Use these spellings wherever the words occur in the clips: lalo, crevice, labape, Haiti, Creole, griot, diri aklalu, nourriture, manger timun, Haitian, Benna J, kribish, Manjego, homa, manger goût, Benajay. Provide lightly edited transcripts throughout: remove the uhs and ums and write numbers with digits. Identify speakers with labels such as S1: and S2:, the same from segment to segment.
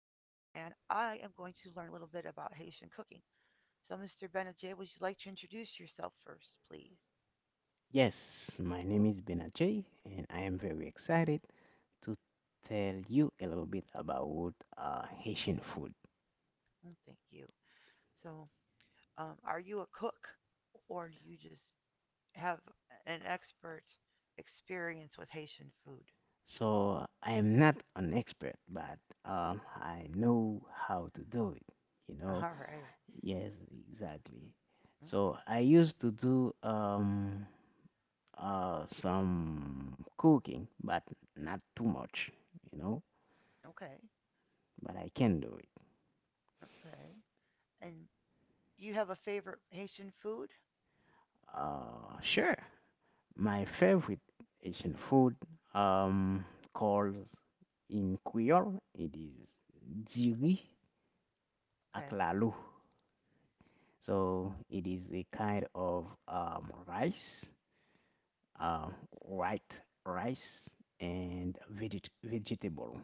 S1: I am going to learn a little bit about Haitian cooking. So, Mr. Benna J, would you like to introduce yourself first, please?
S2: Yes, my name is Benajay, and I am very excited to tell you a little bit about Haitian food.
S1: Mm, thank you. So, are you a cook, or do you just have an expert experience with Haitian food?
S2: So, I am not an expert, but I know how to do it, you know?
S1: All right.
S2: Yes,
S1: Mm,
S2: exactly. So,
S1: okay.
S2: I used to do some cooking, but not too much, you know?
S1: Okay.
S2: But I can do it.
S1: Okay. And do you have a favorite Haitian food?
S2: Sure. My favorite Asian food um called in Creole it is diri
S1: Okay.
S2: aklalu. So it is a kind of rice, um, white rice and vegetable.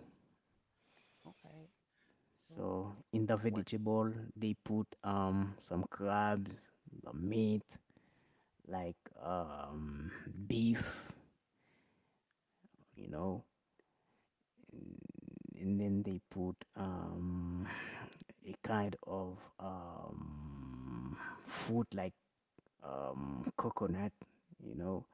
S1: Okay. So,
S2: So in the
S1: what
S2: vegetable they put some crabs, the meat like um, beef, you know, and, and then they put a kind of food like coconut, you know.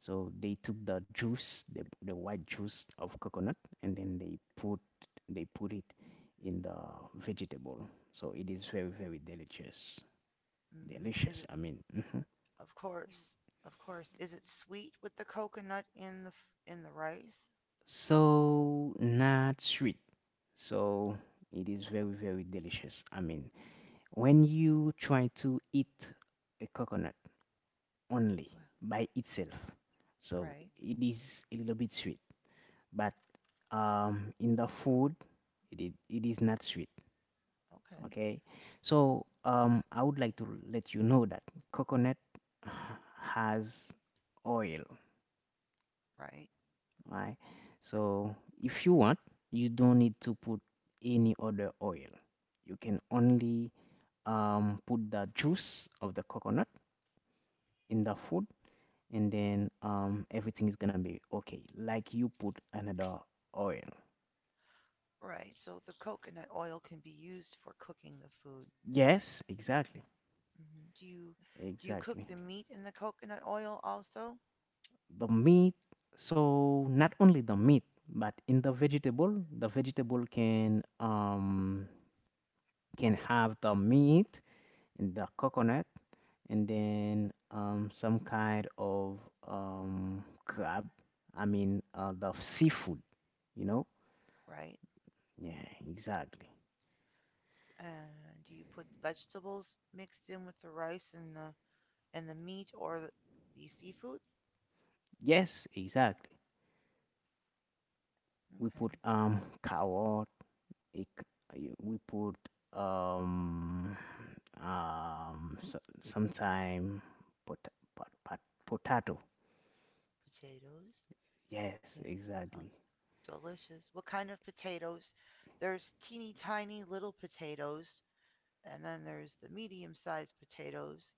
S2: So they took the juice, the white juice of coconut, and then they put it in the vegetable. So it is very very delicious,
S1: hmm is
S2: delicious.
S1: it
S2: Mhm.
S1: of course, of course. Is it sweet with the coconut in the in the rice?
S2: So not sweet. So it is very very delicious. I mean, when you try to eat a coconut only
S1: Wha-
S2: by itself. So
S1: Right.
S2: it is a little bit sweet, but in the food, it is not sweet.
S1: Okay.
S2: Okay, so I would like to let you know that coconut has oil,
S1: Right.
S2: right? So if you want, you don't need to put any other oil. You can only put the juice of the coconut in the food and then everything is gonna be okay like you put another oil.
S1: Right. So the coconut oil can be used for cooking the food.
S2: Yes, exactly.
S1: Mm-hmm. Do you cook
S2: Exactly.
S1: the meat in the coconut oil also?
S2: The meat, so not only the meat but in the vegetable, the vegetable can have the meat and the coconut and then some kind of crab, I mean the seafood, you know.
S1: Right.
S2: Yeah, exactly.
S1: And do you put vegetables mixed in with the rice and the meat or the seafood?
S2: Yes, exactly. We
S1: Okay.
S2: put carrot. ik- we put um so, sometime pot, pot, pot, potato.
S1: Potatoes.
S2: Yes,
S1: Yeah,
S2: exactly.
S1: sounds delicious. What kind of potatoes? There's teeny tiny little potatoes, and then there's the medium sized potatoes,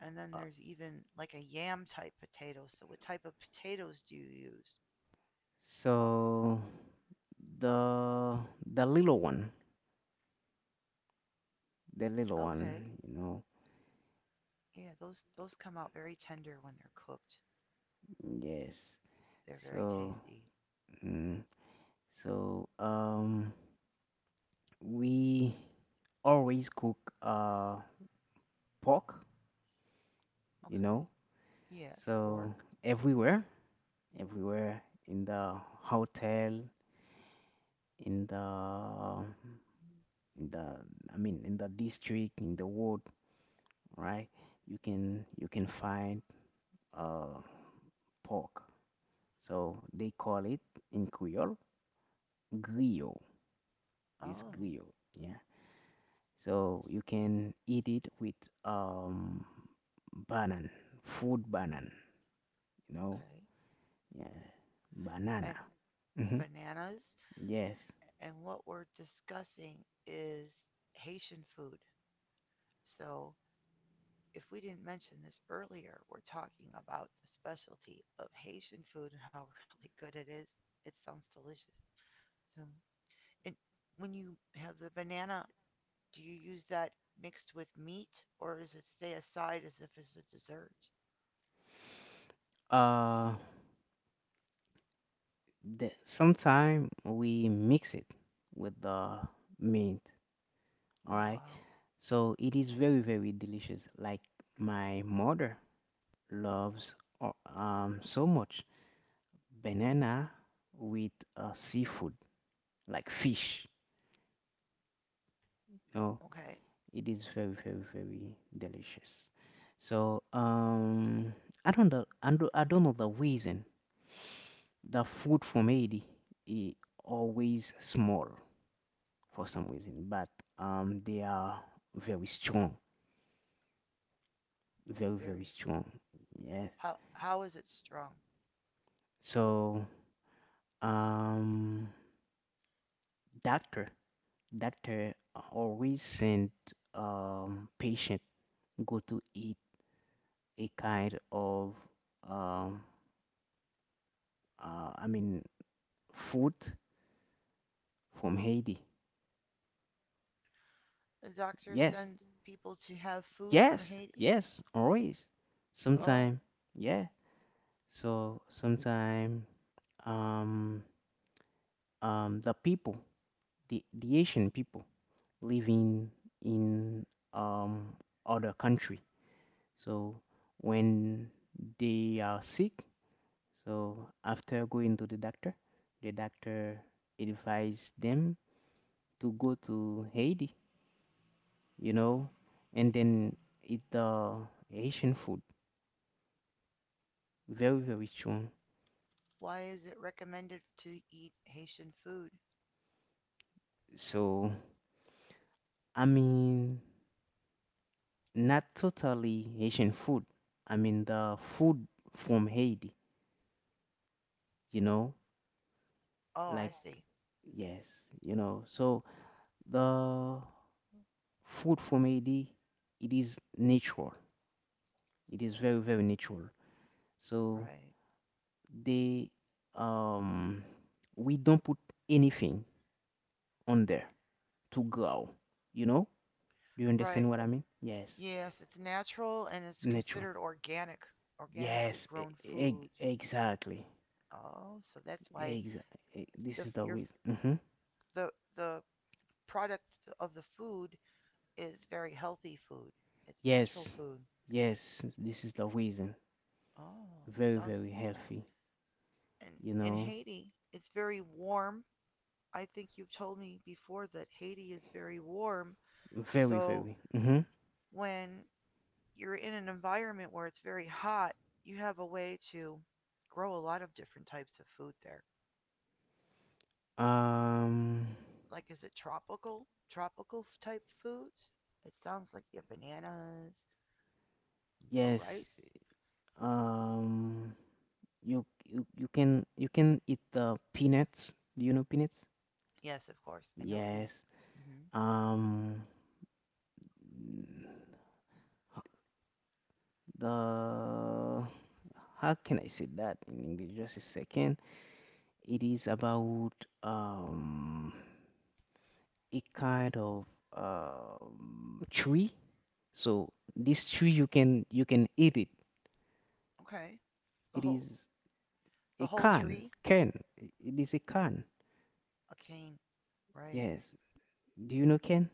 S1: and then
S2: Uh,
S1: there's even like a yam type potato. So what type of potatoes do you use?
S2: so the the little one, the little
S1: Okay.
S2: one, you know.
S1: Yeah, those come out very tender when they're cooked.
S2: Yes.
S1: They're very
S2: So
S1: tasty.
S2: mm, so um we always cook pork, you
S1: Okay.
S2: know.
S1: Yes,
S2: So
S1: pork.
S2: everywhere, everywhere in the hotel, in the in the I mean in the district in the ward, right? You can find uh pork. So they call it in Creole griot. This
S1: Oh,
S2: griot, yeah. So you can eat it with um banana, food banana, you know,
S1: okay.
S2: yeah, banana.
S1: And
S2: Hmm
S1: bananas.
S2: Yes.
S1: And what we're discussing is Haitian food. So if we didn't mention this earlier, we're talking about the specialty of Haitian food and how really good it is. It sounds delicious. So, and when you have the banana, do you use that mixed with meat or does it stay aside as if it's a dessert?
S2: Uh, the sometime we mix it with the mint. All
S1: Oh,
S2: right.
S1: wow.
S2: So it is very, very delicious. Like my mother loves so much banana with seafood, like fish. No,
S1: Okay.
S2: it is very, very, very delicious. So I don't know. I don't know the reason. The food from Haiti is always small for some reason, but they are very strong, very, very
S1: Very.
S2: strong. Yes.
S1: How is it strong?
S2: So. Um, Doctor, doctor always send patient go to eat a kind of um I mean food from Haiti.
S1: The doctor
S2: Yes,
S1: sends people to have food from
S2: yes,
S1: Haiti?
S2: yes, always.
S1: Oh,
S2: Sometime, yeah. So sometime um the people, the Asian people living in um other country. So when they are sick, so after going to the doctor advised them to go to Haiti, you know, and then eat the Haitian food, very very strong.
S1: why is it recommended to eat Haitian food?
S2: So I mean, not totally Haitian food. I mean the food from Haiti, you know,
S1: Oh,
S2: like
S1: I see.
S2: yes, you know. So the food from Haiti, it is natural. It is very very natural. So
S1: Right.
S2: they um we don't put anything on there to grow. You know? Do you understand
S1: Right.
S2: what I mean? Yes.
S1: Yes, it's natural and it's
S2: Natural.
S1: considered organic, organically
S2: Yes.
S1: grown foods.
S2: Exactly.
S1: Oh, so that's why
S2: Exactly. This
S1: the
S2: is the
S1: your
S2: reason. Hmm
S1: the the product of the food is very healthy food. It's natural
S2: Yes.
S1: food.
S2: Yes. This is the reason.
S1: Oh,
S2: Very,
S1: sounds
S2: very healthy.
S1: and
S2: You
S1: in
S2: know?
S1: Haiti, it's very warm. I think you've told me before that Haiti is very warm.
S2: Very,
S1: So
S2: very. hmm
S1: when you're in an environment where it's very hot, you have a way to grow a lot of different types of food there.
S2: Um.
S1: Like is it tropical type foods? It sounds like you have bananas or
S2: Yes.
S1: rice.
S2: Um. You can eat the peanuts. Do you know peanuts?
S1: Yes, of course. I know
S2: Yes.
S1: peanuts. Hmm.
S2: Um, the how can I say that in English? Just a second. It is about um a kind of tree. So this tree you can eat it.
S1: Okay. The
S2: It
S1: whole
S2: is
S1: the
S2: a
S1: whole
S2: can
S1: tree.
S2: can. It is a can.
S1: A cane. Right.
S2: Yes. Do you know can?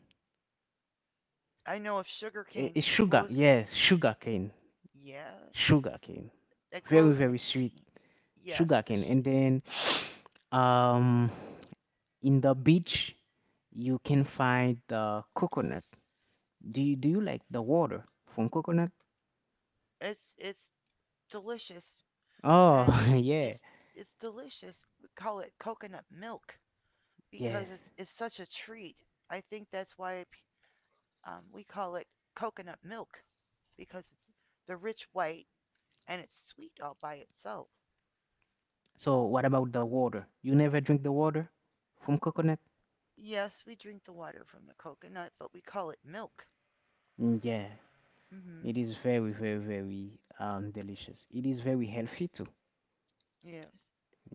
S1: I know of sugar cane.
S2: A
S1: It
S2: sugar.
S1: grows.
S2: Yes, sugar cane.
S1: Yes.
S2: Sugar cane.
S1: It
S2: Very
S1: grows in a
S2: very sweet.
S1: cane. Yes.
S2: Sugarcane and then um in the beach you can find the coconut. Do you like the water from coconut?
S1: It's delicious
S2: Oh,
S1: and
S2: yeah.
S1: it's it's delicious. We call it coconut milk because
S2: Yes,
S1: it's such a treat. I think that's why we call it coconut milk because it's the rich white and it's sweet all by itself.
S2: so what about the water? You never drink the water from coconut?
S1: Yes, we drink the water from the coconut, but we call it milk.
S2: Mm, yeah,
S1: Mm hmm
S2: it is very very very delicious. It is very healthy too.
S1: Yes.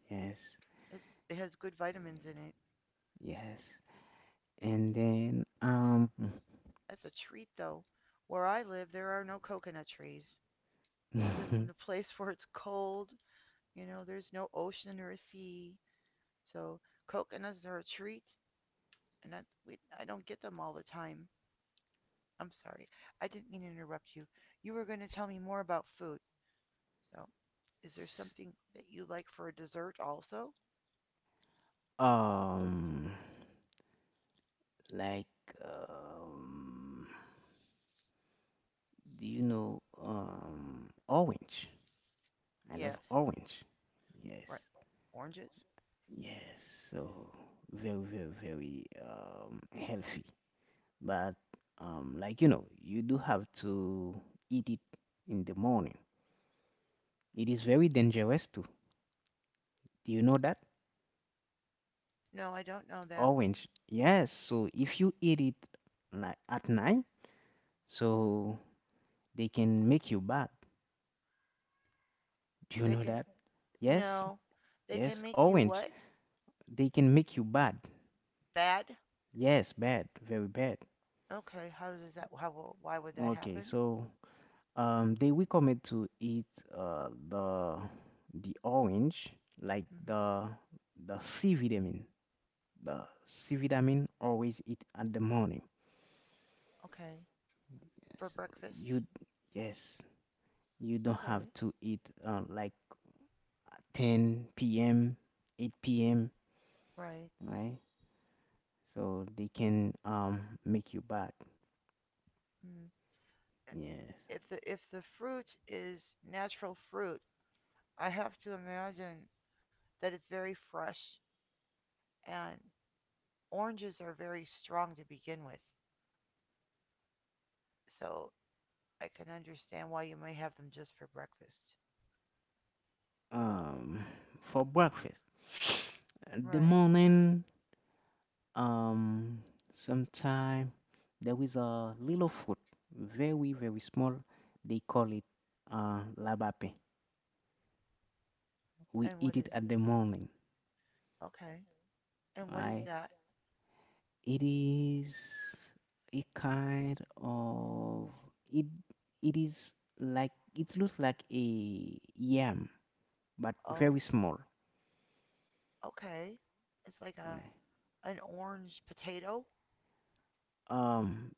S2: Yes.
S1: It, it has good vitamins in it.
S2: Yes, and then um,
S1: That's a treat, though. Where I live, there are no coconut trees. I live in a place where it's cold. You know, there's no ocean or a sea. So coconuts are a treat, and I don't get them all the time. I'm sorry. I didn't mean to interrupt you. You were going to tell me more about food. So, is there
S2: s-
S1: something that you like for a dessert also?
S2: um like um, do you know orange? I love
S1: Yes.
S2: orange.
S1: Right.
S2: Yes,
S1: Oranges?
S2: yes. So very, very, very healthy. But like you know, you do have to eat it in the morning. It is very dangerous too. Do you know that?
S1: No, I don't know that.
S2: Orange. Yes. So if you eat it like at night, so they can make you bad. Do you
S1: They
S2: know
S1: can
S2: that? Yes.
S1: no. They can
S2: Yes.
S1: make you
S2: Orange.
S1: what?
S2: They can make you bad.
S1: Bad?
S2: Yes, bad, very bad.
S1: Okay. How why would that
S2: Okay,
S1: happen?
S2: so they recommend to eat uh, the the orange, like
S1: Hmm.
S2: the C vitamin, the C vitamin. Always eat at the morning.
S1: Okay. For
S2: So
S1: breakfast?
S2: you, yes, you don't have
S1: Okay.
S2: to eat like at 10 p.m., 8 p.m.
S1: Right.
S2: Right? So they can make you bad.
S1: Mm.
S2: Yes.
S1: If the fruit is natural fruit, I have to imagine that it's very fresh and oranges are very strong to begin with. So I can understand why you might have them just for breakfast.
S2: Um, for breakfast. The
S1: Right.
S2: morning, um, sometime there is a little food, very, very small. They call it labape. We
S1: And
S2: eat
S1: what
S2: it
S1: is
S2: at the morning,
S1: okay? And what is
S2: right?
S1: that?
S2: It is a kind of it. It is like it looks like a yam, but
S1: Oh,
S2: very small.
S1: okay. It's like a
S2: Right?
S1: an orange potato.
S2: Um,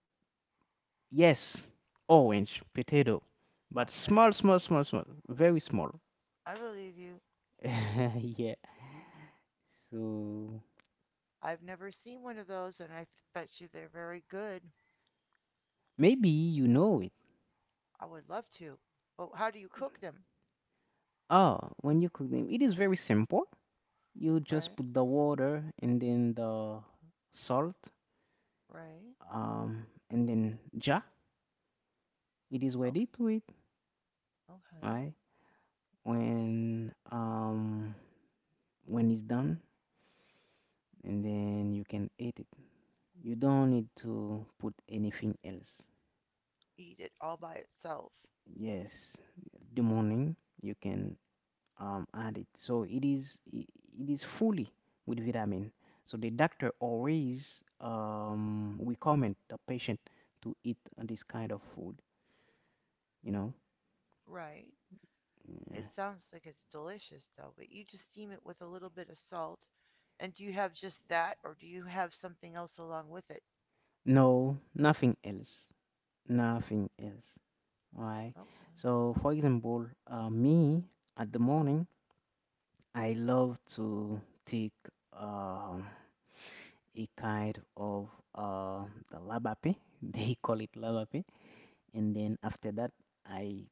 S2: yes, orange potato, but
S1: Okay.
S2: small, small, small, small, very small.
S1: I believe you.
S2: yeah. So
S1: I've never seen one of those and I bet you they're very good.
S2: maybe you know it.
S1: I would love to. But how do you cook them?
S2: Ah, when you cook them, it is very simple. You just
S1: Right.
S2: put the water and then the salt,
S1: Right.
S2: and then ja. It is
S1: Okay.
S2: ready to eat,
S1: Okay.
S2: right? When um when it's done, and then you can eat it. You don't need to put anything else.
S1: Eat it all by itself.
S2: Yes, the morning you can and it so it is fully with vitamin. So the doctor always recommend the patient to eat this kind of food. You know,
S1: Right. It
S2: yeah.
S1: sounds like it's delicious though, but you just steam it with a little bit of salt. And do you have just that or do you have something else along with it?
S2: No, nothing else, nothing else. All right.
S1: Okay.
S2: So for example, me at the morning, I love to take um a kind of uh, the labape. They call it labape, and then after that I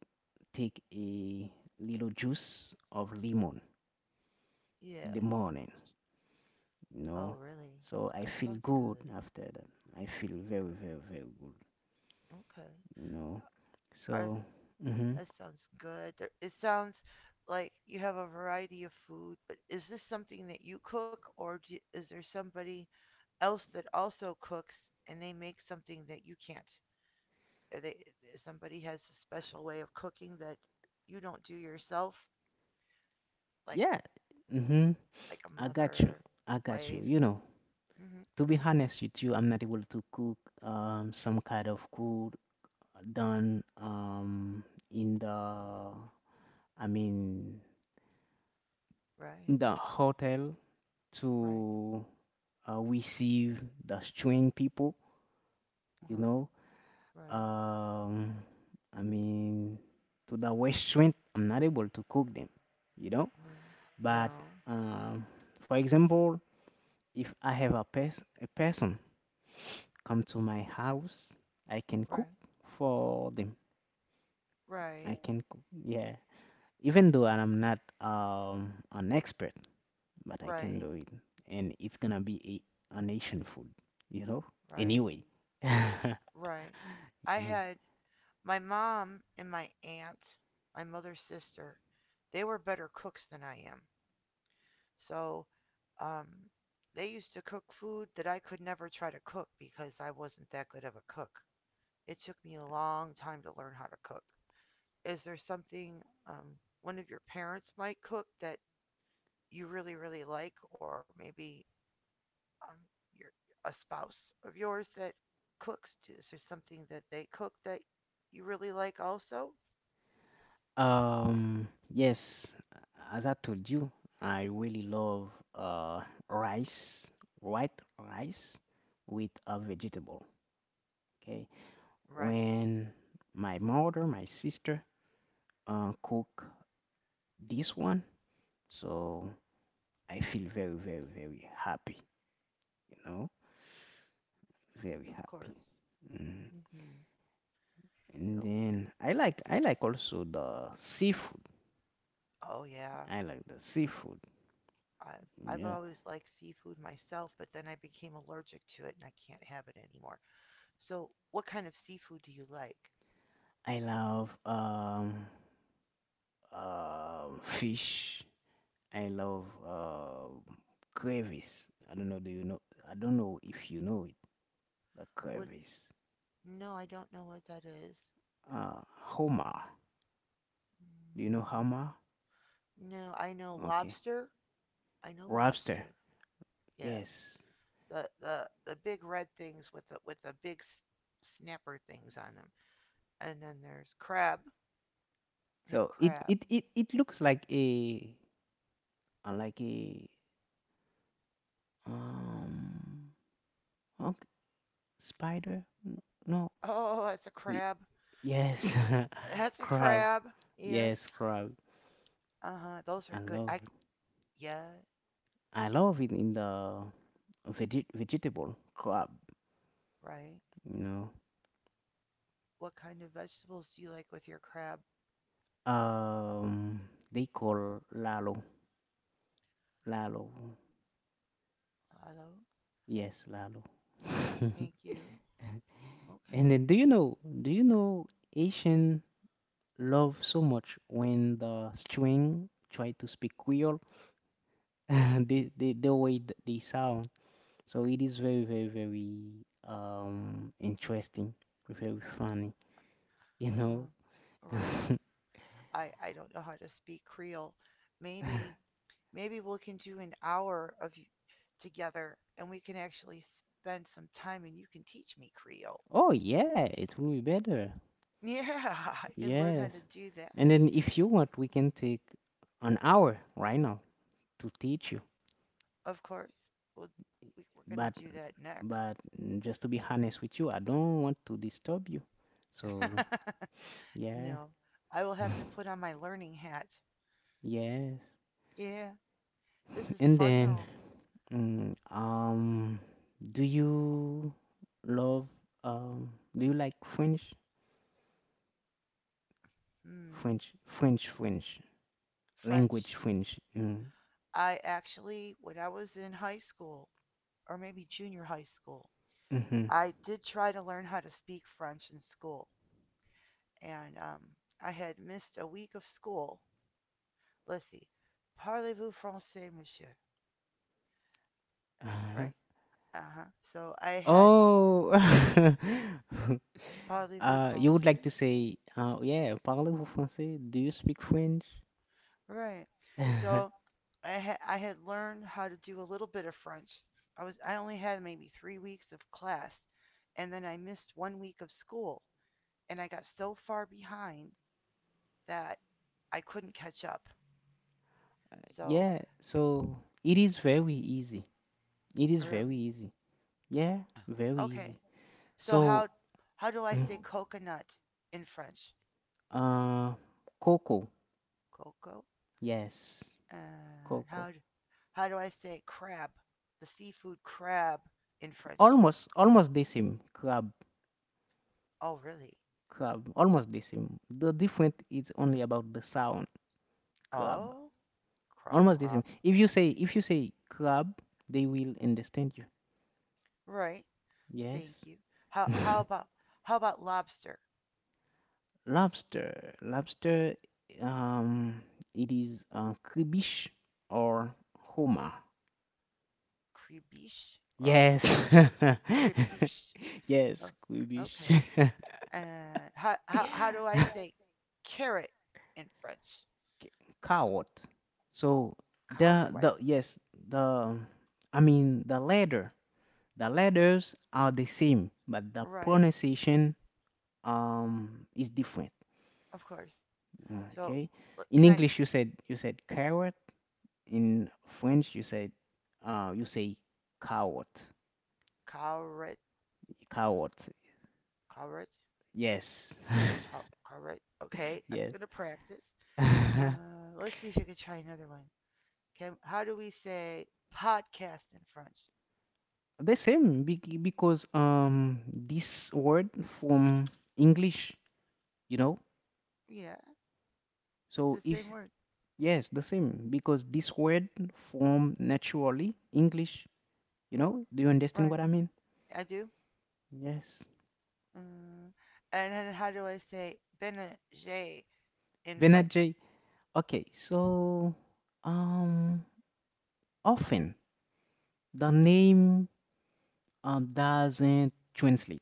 S2: take a little juice of lemon in the
S1: Yes.
S2: morning, you
S1: Oh,
S2: know.
S1: really? That
S2: So I
S1: sounds
S2: feel
S1: good.
S2: good after that. I feel very, very, very good,
S1: Okay.
S2: you know.
S1: Are,
S2: So, hmm
S1: that sounds good. It sounds like you have a variety of food, but is this something that you cook or do, is there somebody else that also cooks and they make something that you can't? Are they somebody has a special way of cooking that you don't do yourself like
S2: yeah. hmm
S1: a
S2: I got you.
S1: mother,
S2: I got you.
S1: wife.
S2: You know,
S1: Hmm.
S2: to be honest with you, I'm not able to cook some kind of food done in the I mean
S1: Right,
S2: in the hotel
S1: right,
S2: to receive the strange people, you
S1: uh-huh,
S2: know.
S1: right.
S2: um i mean to the restaurant I'm not able to cook them, you know.
S1: No,
S2: But
S1: no,
S2: um for example, if I have a a person come to my house, I can
S1: right,
S2: cook for them. I
S1: right,
S2: can cook, yeah, even though I'm not an expert, but I can
S1: right,
S2: do it, and it's gonna be a nation food, you know.
S1: right,
S2: Anyway, yeah.
S1: right. I had my mom and my aunt, my mother's sister. They were better cooks than I am. So, um, they used to cook food that I could never try to cook because I wasn't that good of a cook. It took me a long time to learn how to cook. Is there something one of your parents might cook that you really, really like, or maybe um, your, a spouse of yours that cooks? Is there something that they cook that you really like also?
S2: Um, yes, as I told you, I really love rice, white rice with a vegetable. Okay,
S1: Right,
S2: when my mother, my sister, cook this one, so I feel very, very, very happy. You know, very
S1: of course.
S2: happy. Mhm.
S1: Hmm.
S2: And
S1: So,
S2: then I like also the seafood.
S1: oh yeah,
S2: I like the seafood.
S1: I've
S2: Yeah,
S1: always liked seafood myself, but then I became allergic to it and I can't have it anymore. So, what kind of seafood do you like?
S2: I love fish. I love crevice. I don't know. Do you know? I don't know if you know it. The
S1: What?
S2: crevice.
S1: No, I don't know what that is.
S2: Homer. Do you know
S1: No.
S2: Homer?
S1: No, I know
S2: Okay.
S1: lobster. I know
S2: Lobster.
S1: lobster. Yes,
S2: Yes.
S1: the big red things with the big snapper things on them. And then there's crab. We
S2: So
S1: crab.
S2: it looks like a um okay, spider. No.
S1: Oh, that's a
S2: Y-
S1: crab.
S2: Yes.
S1: That's a
S2: crab.
S1: crab. Yes.
S2: Yes, crab.
S1: Uh huh. Those are
S2: I
S1: good.
S2: love
S1: I
S2: it.
S1: yeah
S2: I love it in the veggie vegetable crab,
S1: right.
S2: you know.
S1: What kind of vegetables do you like with your crab?
S2: Um, they call lalo, lalo.
S1: Hello.
S2: Yes, lalo.
S1: Thank you.
S2: and
S1: Okay.
S2: then do you know, do you know Asian love so much when the string try to speak Creole, the way they sound, so it is very very very interesting, very funny, you know.
S1: Uh, right. I don't know how to speak Creole. Maybe maybe we can do an hour of together and we can actually spend some time and you can teach me Creole.
S2: oh yeah, it will be better.
S1: Yeah, I can learn how
S2: Yes.
S1: to do
S2: And
S1: that.
S2: then if you want, we can take an hour right now to teach you.
S1: Of course, we'll, we're going
S2: But
S1: to do that next.
S2: but just to be honest with you, I don't want to disturb you. So yeah.
S1: No, I will have to put on my learning hat.
S2: Yes.
S1: Yeah, this is
S2: And
S1: fun
S2: then
S1: though.
S2: mm, um do you love um do you like French?
S1: Hmm,
S2: French French French
S1: French.
S2: language French. Mm.
S1: I actually, when I was in high school, or maybe junior high school,
S2: Mm-hmm.
S1: I did try to learn how to speak French in school. And I had missed a week of school. Let's see, parlez-vous français, monsieur?
S2: Uh-huh.
S1: Right? Uh huh. So I had
S2: Oh,
S1: parlez-vous
S2: uh, you would like
S1: français?
S2: to say, yeah, parlez-vous français? Do you speak French?
S1: Right. So I had learned how to do a little bit of French. I only had maybe 3 weeks of class, and then I missed one week of school, and I got so far behind that I couldn't catch up. So
S2: Yeah, so it is very easy. It is very
S1: really,
S2: easy. Yeah, very
S1: okay.
S2: easy.
S1: So
S2: So,
S1: how do I
S2: mm,
S1: say coconut in French?
S2: uh, coco.
S1: Coco.
S2: Yes,
S1: And
S2: coco.
S1: how do I say crab? The seafood crab in French.
S2: Almost, almost the same. Crab,
S1: Oh, really?
S2: crab. Almost the same. The difference is only about the sound. Crab.
S1: Oh, crab,
S2: Almost the
S1: crab.
S2: same. If you say crab, they will understand you.
S1: Right.
S2: Yes.
S1: Thank you. How how about how about lobster?
S2: Lobster. Lobster, um, it is kribish or homa.
S1: Cribiche or
S2: Yes.
S1: cribiche? Oh,
S2: Yes, kribish.
S1: okay. And how do I say carrot in French?
S2: Coward. So
S1: Carrot. Right.
S2: the yes, the I mean the letter. The letters are the same, but the
S1: Right,
S2: pronunciation is different.
S1: of course. So
S2: Okay. In
S1: can I
S2: English you said carrot. In French, you said, you say coward,
S1: carrot
S2: coward.
S1: carrot?
S2: Yes,
S1: Car- Okay, I'm
S2: yes.
S1: gonna practice. Let's see if you can try another one. Okay, how do we say podcast in French?
S2: The same because this word from English, you know.
S1: Yeah, it's
S2: So
S1: the
S2: if,
S1: same word,
S2: yes, the same because this word from naturally English. Do you understand what
S1: right?
S2: I mean?
S1: I do.
S2: Yes.
S1: Mm. And then how do I say Benajay in
S2: Bernard
S1: French?
S2: J. Okay, so um often the name doesn't translate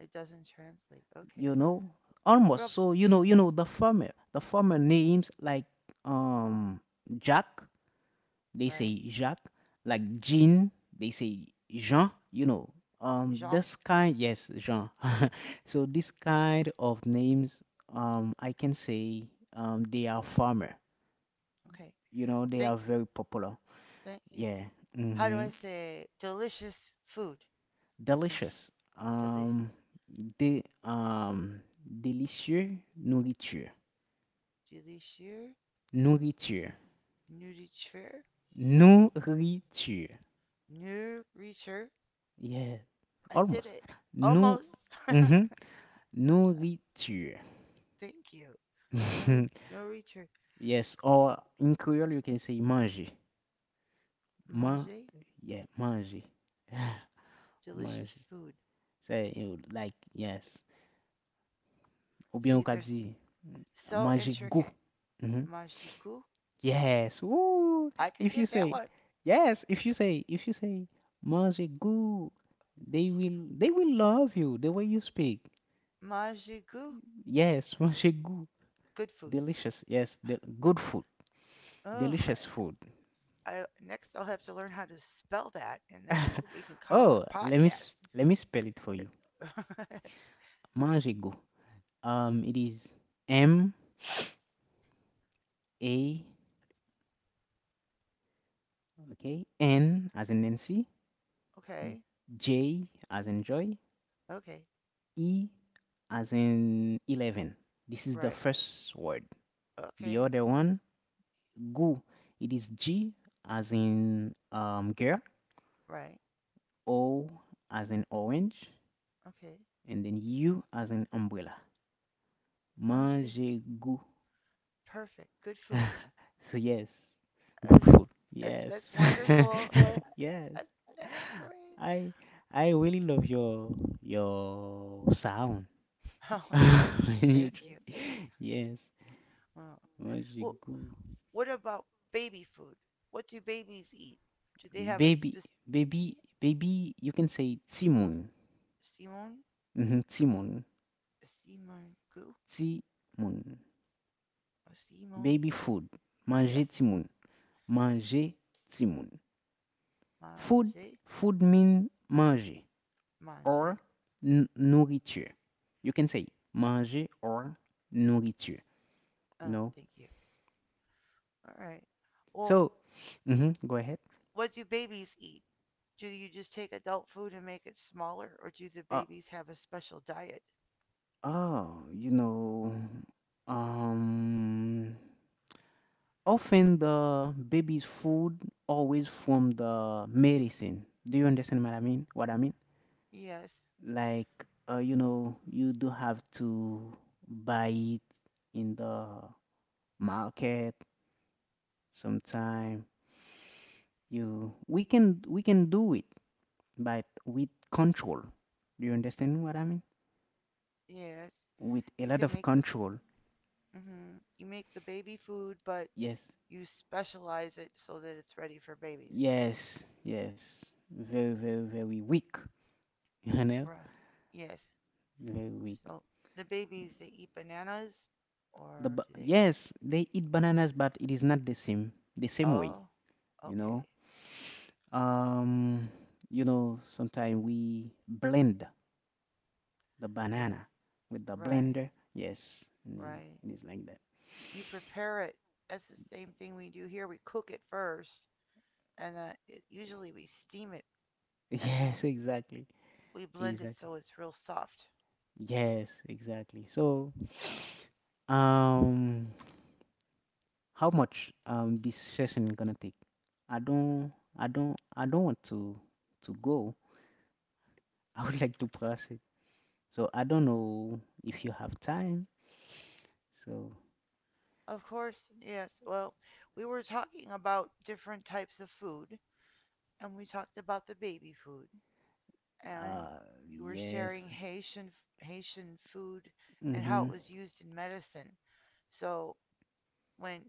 S1: It doesn't translate.
S2: you
S1: Okay,
S2: know almost.
S1: rough,
S2: So the farmer names, like um Jack, they
S1: right?
S2: say Jacques, like Jean, they say Jean,
S1: Jean.
S2: this kind, yes, Jean. So this kind of names, I can say, they are farmer,
S1: Okay,
S2: they are
S1: thank you,
S2: very popular.
S1: thank you.
S2: Yeah.
S1: How do
S2: Mm-hmm.
S1: I say delicious food in
S2: Delicious.
S1: deli-
S2: um de Délicieux,
S1: delicious?
S2: nourriture.
S1: Nourriture,
S2: Nourriture.
S1: nourriture.
S2: Yeah,
S1: I did
S2: almost.
S1: it.
S2: No.
S1: Almost.
S2: Mhm. Nourriture.
S1: Thank you. No, no reacher.
S2: Yes, or in Creole you can say manger. Ma,
S1: Manger
S2: yeah, manger.
S1: delicious
S2: Manger.
S1: food.
S2: Say you like yes. Ou bien on
S1: See,
S2: can
S1: there's
S2: say
S1: so
S2: manger goût.
S1: intricate.
S2: Mhm.
S1: Majiku.
S2: Yes. Ooh.
S1: I could
S2: If you
S1: get that
S2: say,
S1: one.
S2: yes, if you say manger goût, they will love you the way you speak.
S1: Majiku.
S2: Yes, manger goût.
S1: Good food.
S2: Delicious. Yes, the good food.
S1: All
S2: Delicious
S1: right.
S2: food.
S1: I, next, I'll have to learn how to spell that, and that's what we can call our
S2: Oh, let me s-
S1: podcast.
S2: let me spell it for you. Manjego. It is M, A, okay, N as in Nancy,
S1: Okay.
S2: J as in joy,
S1: Okay.
S2: E as in eleven. This is the
S1: Right.
S2: first word. The
S1: Okay.
S2: other one, gu. It is G as in girl,
S1: Right.
S2: O as in orange,
S1: Okay.
S2: and then U as in umbrella.
S1: Manger.
S2: Manjego.
S1: Perfect. Good food.
S2: So yes, good
S1: That's,
S2: food. Yes,
S1: that's wonderful.
S2: yes.
S1: That, that's great.
S2: I I really love your sound
S1: Oh, thank you.
S2: when you
S1: Thank
S2: try.
S1: you.
S2: Yes,
S1: Oh.
S2: magic
S1: Well,
S2: good.
S1: what about baby food? What do babies eat? Do they have a
S2: Baby,
S1: specific.
S2: baby,
S1: Yeah.
S2: baby. You can say timun.
S1: Simon?
S2: Mm-hmm, timun,
S1: Simon Goo?
S2: timun.
S1: Oh, Simon?
S2: Baby food.
S1: Yes.
S2: Manger timun. Manger timun. Food,
S1: Manger?
S2: food mean manger
S1: Manger?
S2: or nourriture. You can say manger or nourriture, you
S1: Oh,
S2: know.
S1: thank you. Alright. Well,
S2: So, go ahead.
S1: what do babies eat? Do you just take adult food and make it smaller, or do the
S2: Uh,
S1: babies have a special diet?
S2: oh, um, often the baby's food always from the medicine. Do you understand what I mean? What I mean?
S1: Yes,
S2: Like, you do have to buy it in the market sometime. We can do it but with control. Do you understand what I mean?
S1: yes.
S2: With a
S1: You
S2: lot
S1: can
S2: of
S1: make the
S2: control.
S1: hmm you make the baby food, but
S2: Yes,
S1: you specialize it so that it's ready for babies.
S2: yes, yes. Very, very, very weak. You know,
S1: Bruh. Yes.
S2: very weak.
S1: So the babies, they eat bananas or do they?
S2: Yes, they eat bananas, but it is not the same way.
S1: Oh,
S2: You know,
S1: okay.
S2: um, sometimes we blend the
S1: Yes.
S2: banana with the
S1: Right.
S2: blender. Yes, and,
S1: Right.
S2: it is like that.
S1: You prepare it. That's the same thing we do here. We cook it first, and then it, usually we steam it, and
S2: Yes,
S1: then
S2: exactly,
S1: we blend it
S2: exactly.
S1: so it's real soft.
S2: Yes, exactly. So, um, how much this session gonna take? I don't, I don't want to go. I would like to pass. So I don't know if you have time. So,
S1: Of course, yes. Well, we were talking about different types of food, and we talked about the baby food. And
S2: uh,
S1: you were
S2: yes,
S1: sharing Haitian food and how it
S2: mm-hmm,
S1: was used in medicine. So when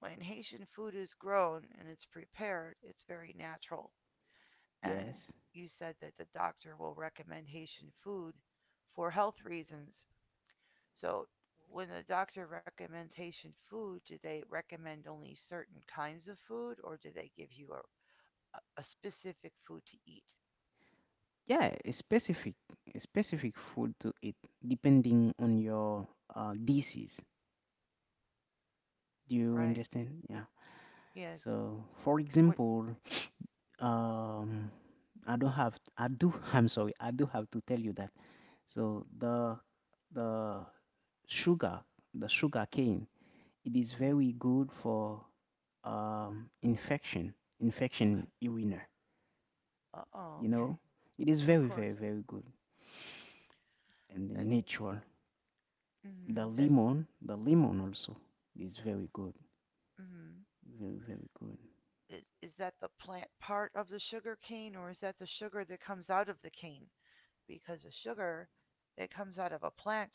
S1: when Haitian food is grown and it's prepared, it's very natural.
S2: yes,
S1: And you said that the doctor will recommend Haitian food for health reasons. So when the doctor recommends Haitian food, do they recommend only certain kinds of food or do they give you a- specific food to eat?
S2: yeah. A specific food to eat depending on your disease. Do you
S1: Right?
S2: understand? Yeah.
S1: Yes.
S2: So, for
S1: What?
S2: example, um I don't have I do I'm sorry, I do have to tell you that. So the sugar, the sugar cane, it is
S1: Mm,
S2: very good for um infection
S1: okay.
S2: infection winner.
S1: Oh,
S2: you
S1: okay.
S2: know it is
S1: Of
S2: very,
S1: course.
S2: very, very good, and the
S1: That's
S2: natural.
S1: mm
S2: the
S1: hmm that's
S2: lemon the lemon also is very good,
S1: mm hmm
S2: very very good.
S1: is that the plant part of the sugar cane or is that the sugar that comes out of the cane? Because the sugar it comes out of a plant.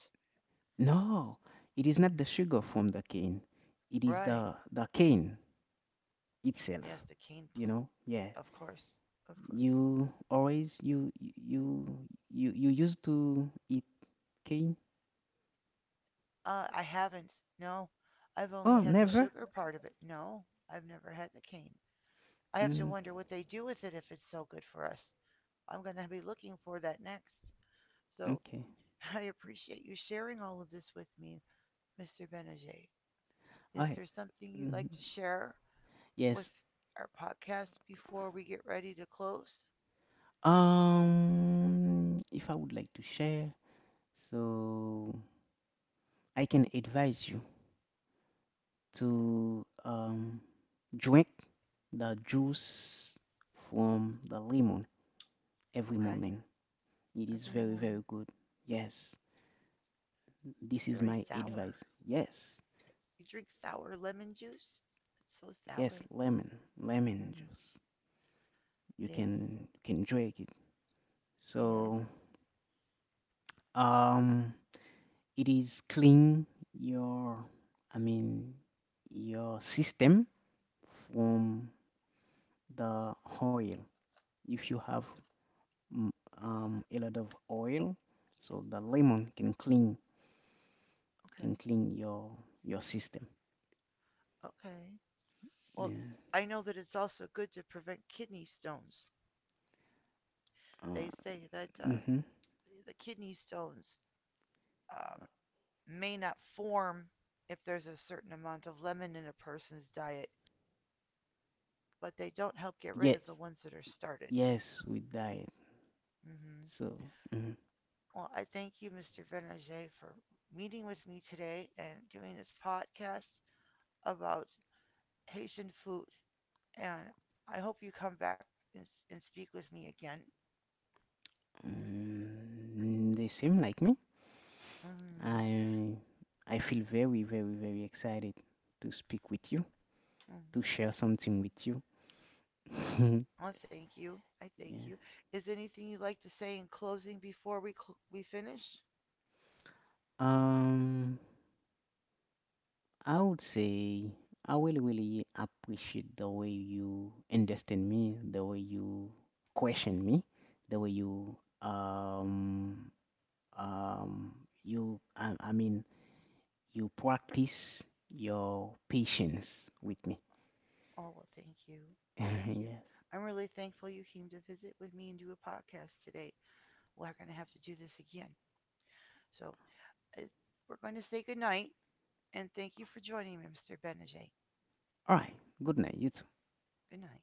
S2: No, it is not the sugar from the cane, it is
S1: Right.
S2: the cane itself.
S1: Yes, the cane
S2: Yeah.
S1: of course. Of course.
S2: You always you you you you used to eat cane?
S1: I haven't. No. I've only
S2: Oh,
S1: had the
S2: never.
S1: sugar part of it. No. I've never had the cane. I have to
S2: Mm.
S1: wonder what they do with it if it's so good for us. I'm going to be looking for that next. So
S2: Okay.
S1: I appreciate you sharing all of this with me, Mr. Benajay. Is
S2: I
S1: there something you'd
S2: mm,
S1: like to share with
S2: yes.
S1: our podcast before we get ready to close?
S2: If I would like to share, so I can advise you to drink the juice from the lemon every
S1: Okay.
S2: morning. It is
S1: Every
S2: very
S1: morning.
S2: very good. Yes, this
S1: It's
S2: is
S1: very
S2: my
S1: sour.
S2: advice. Yes,
S1: You drink sour lemon juice? It's so
S2: yes,
S1: sour.
S2: lemon, lemon
S1: Mm-hmm.
S2: juice. You
S1: Yes.
S2: can drag it,
S1: Yes.
S2: so um it is clean your, I mean, your system from the oil. If you
S1: O-
S2: have mm, a lot of oil, so the lemon can clean,
S1: Okay.
S2: your system.
S1: Okay. Well,
S2: Yeah.
S1: I know that it's also good to prevent kidney stones.
S2: uh,
S1: They say that
S2: mm-hmm.
S1: the kidney stones um, may not form if there's a certain amount of lemon in a person's diet, but they don't help get rid of the
S2: Yes,
S1: ones that are started.
S2: yes with diet.
S1: Hmm.
S2: So mhm.
S1: Well, I thank you, Mr. Benajay, for meeting with me today and doing this podcast about Haitian food. And I hope you come back and speak with me again.
S2: mm they seem like me.
S1: Mm-hmm.
S2: I I feel very, very, very excited to speak with you,
S1: Mm-hmm.
S2: to share something with you.
S1: Well, thank you. I thank
S2: Yeah.
S1: you. Is there anything you'd like to say in closing before we we finish?
S2: Um, I would say I will really appreciate the way you understand me, the way you question me, the way you um um I mean you practice your patience with me.
S1: Oh, well, thank you. Thank you.
S2: Yes.
S1: I'm really thankful you came to visit with me and do a podcast today. We're going to have to do this again. So uh, we're going to say goodnight and thank you for joining me, Mr. Benajay.
S2: All right. Good night. You
S1: Good night.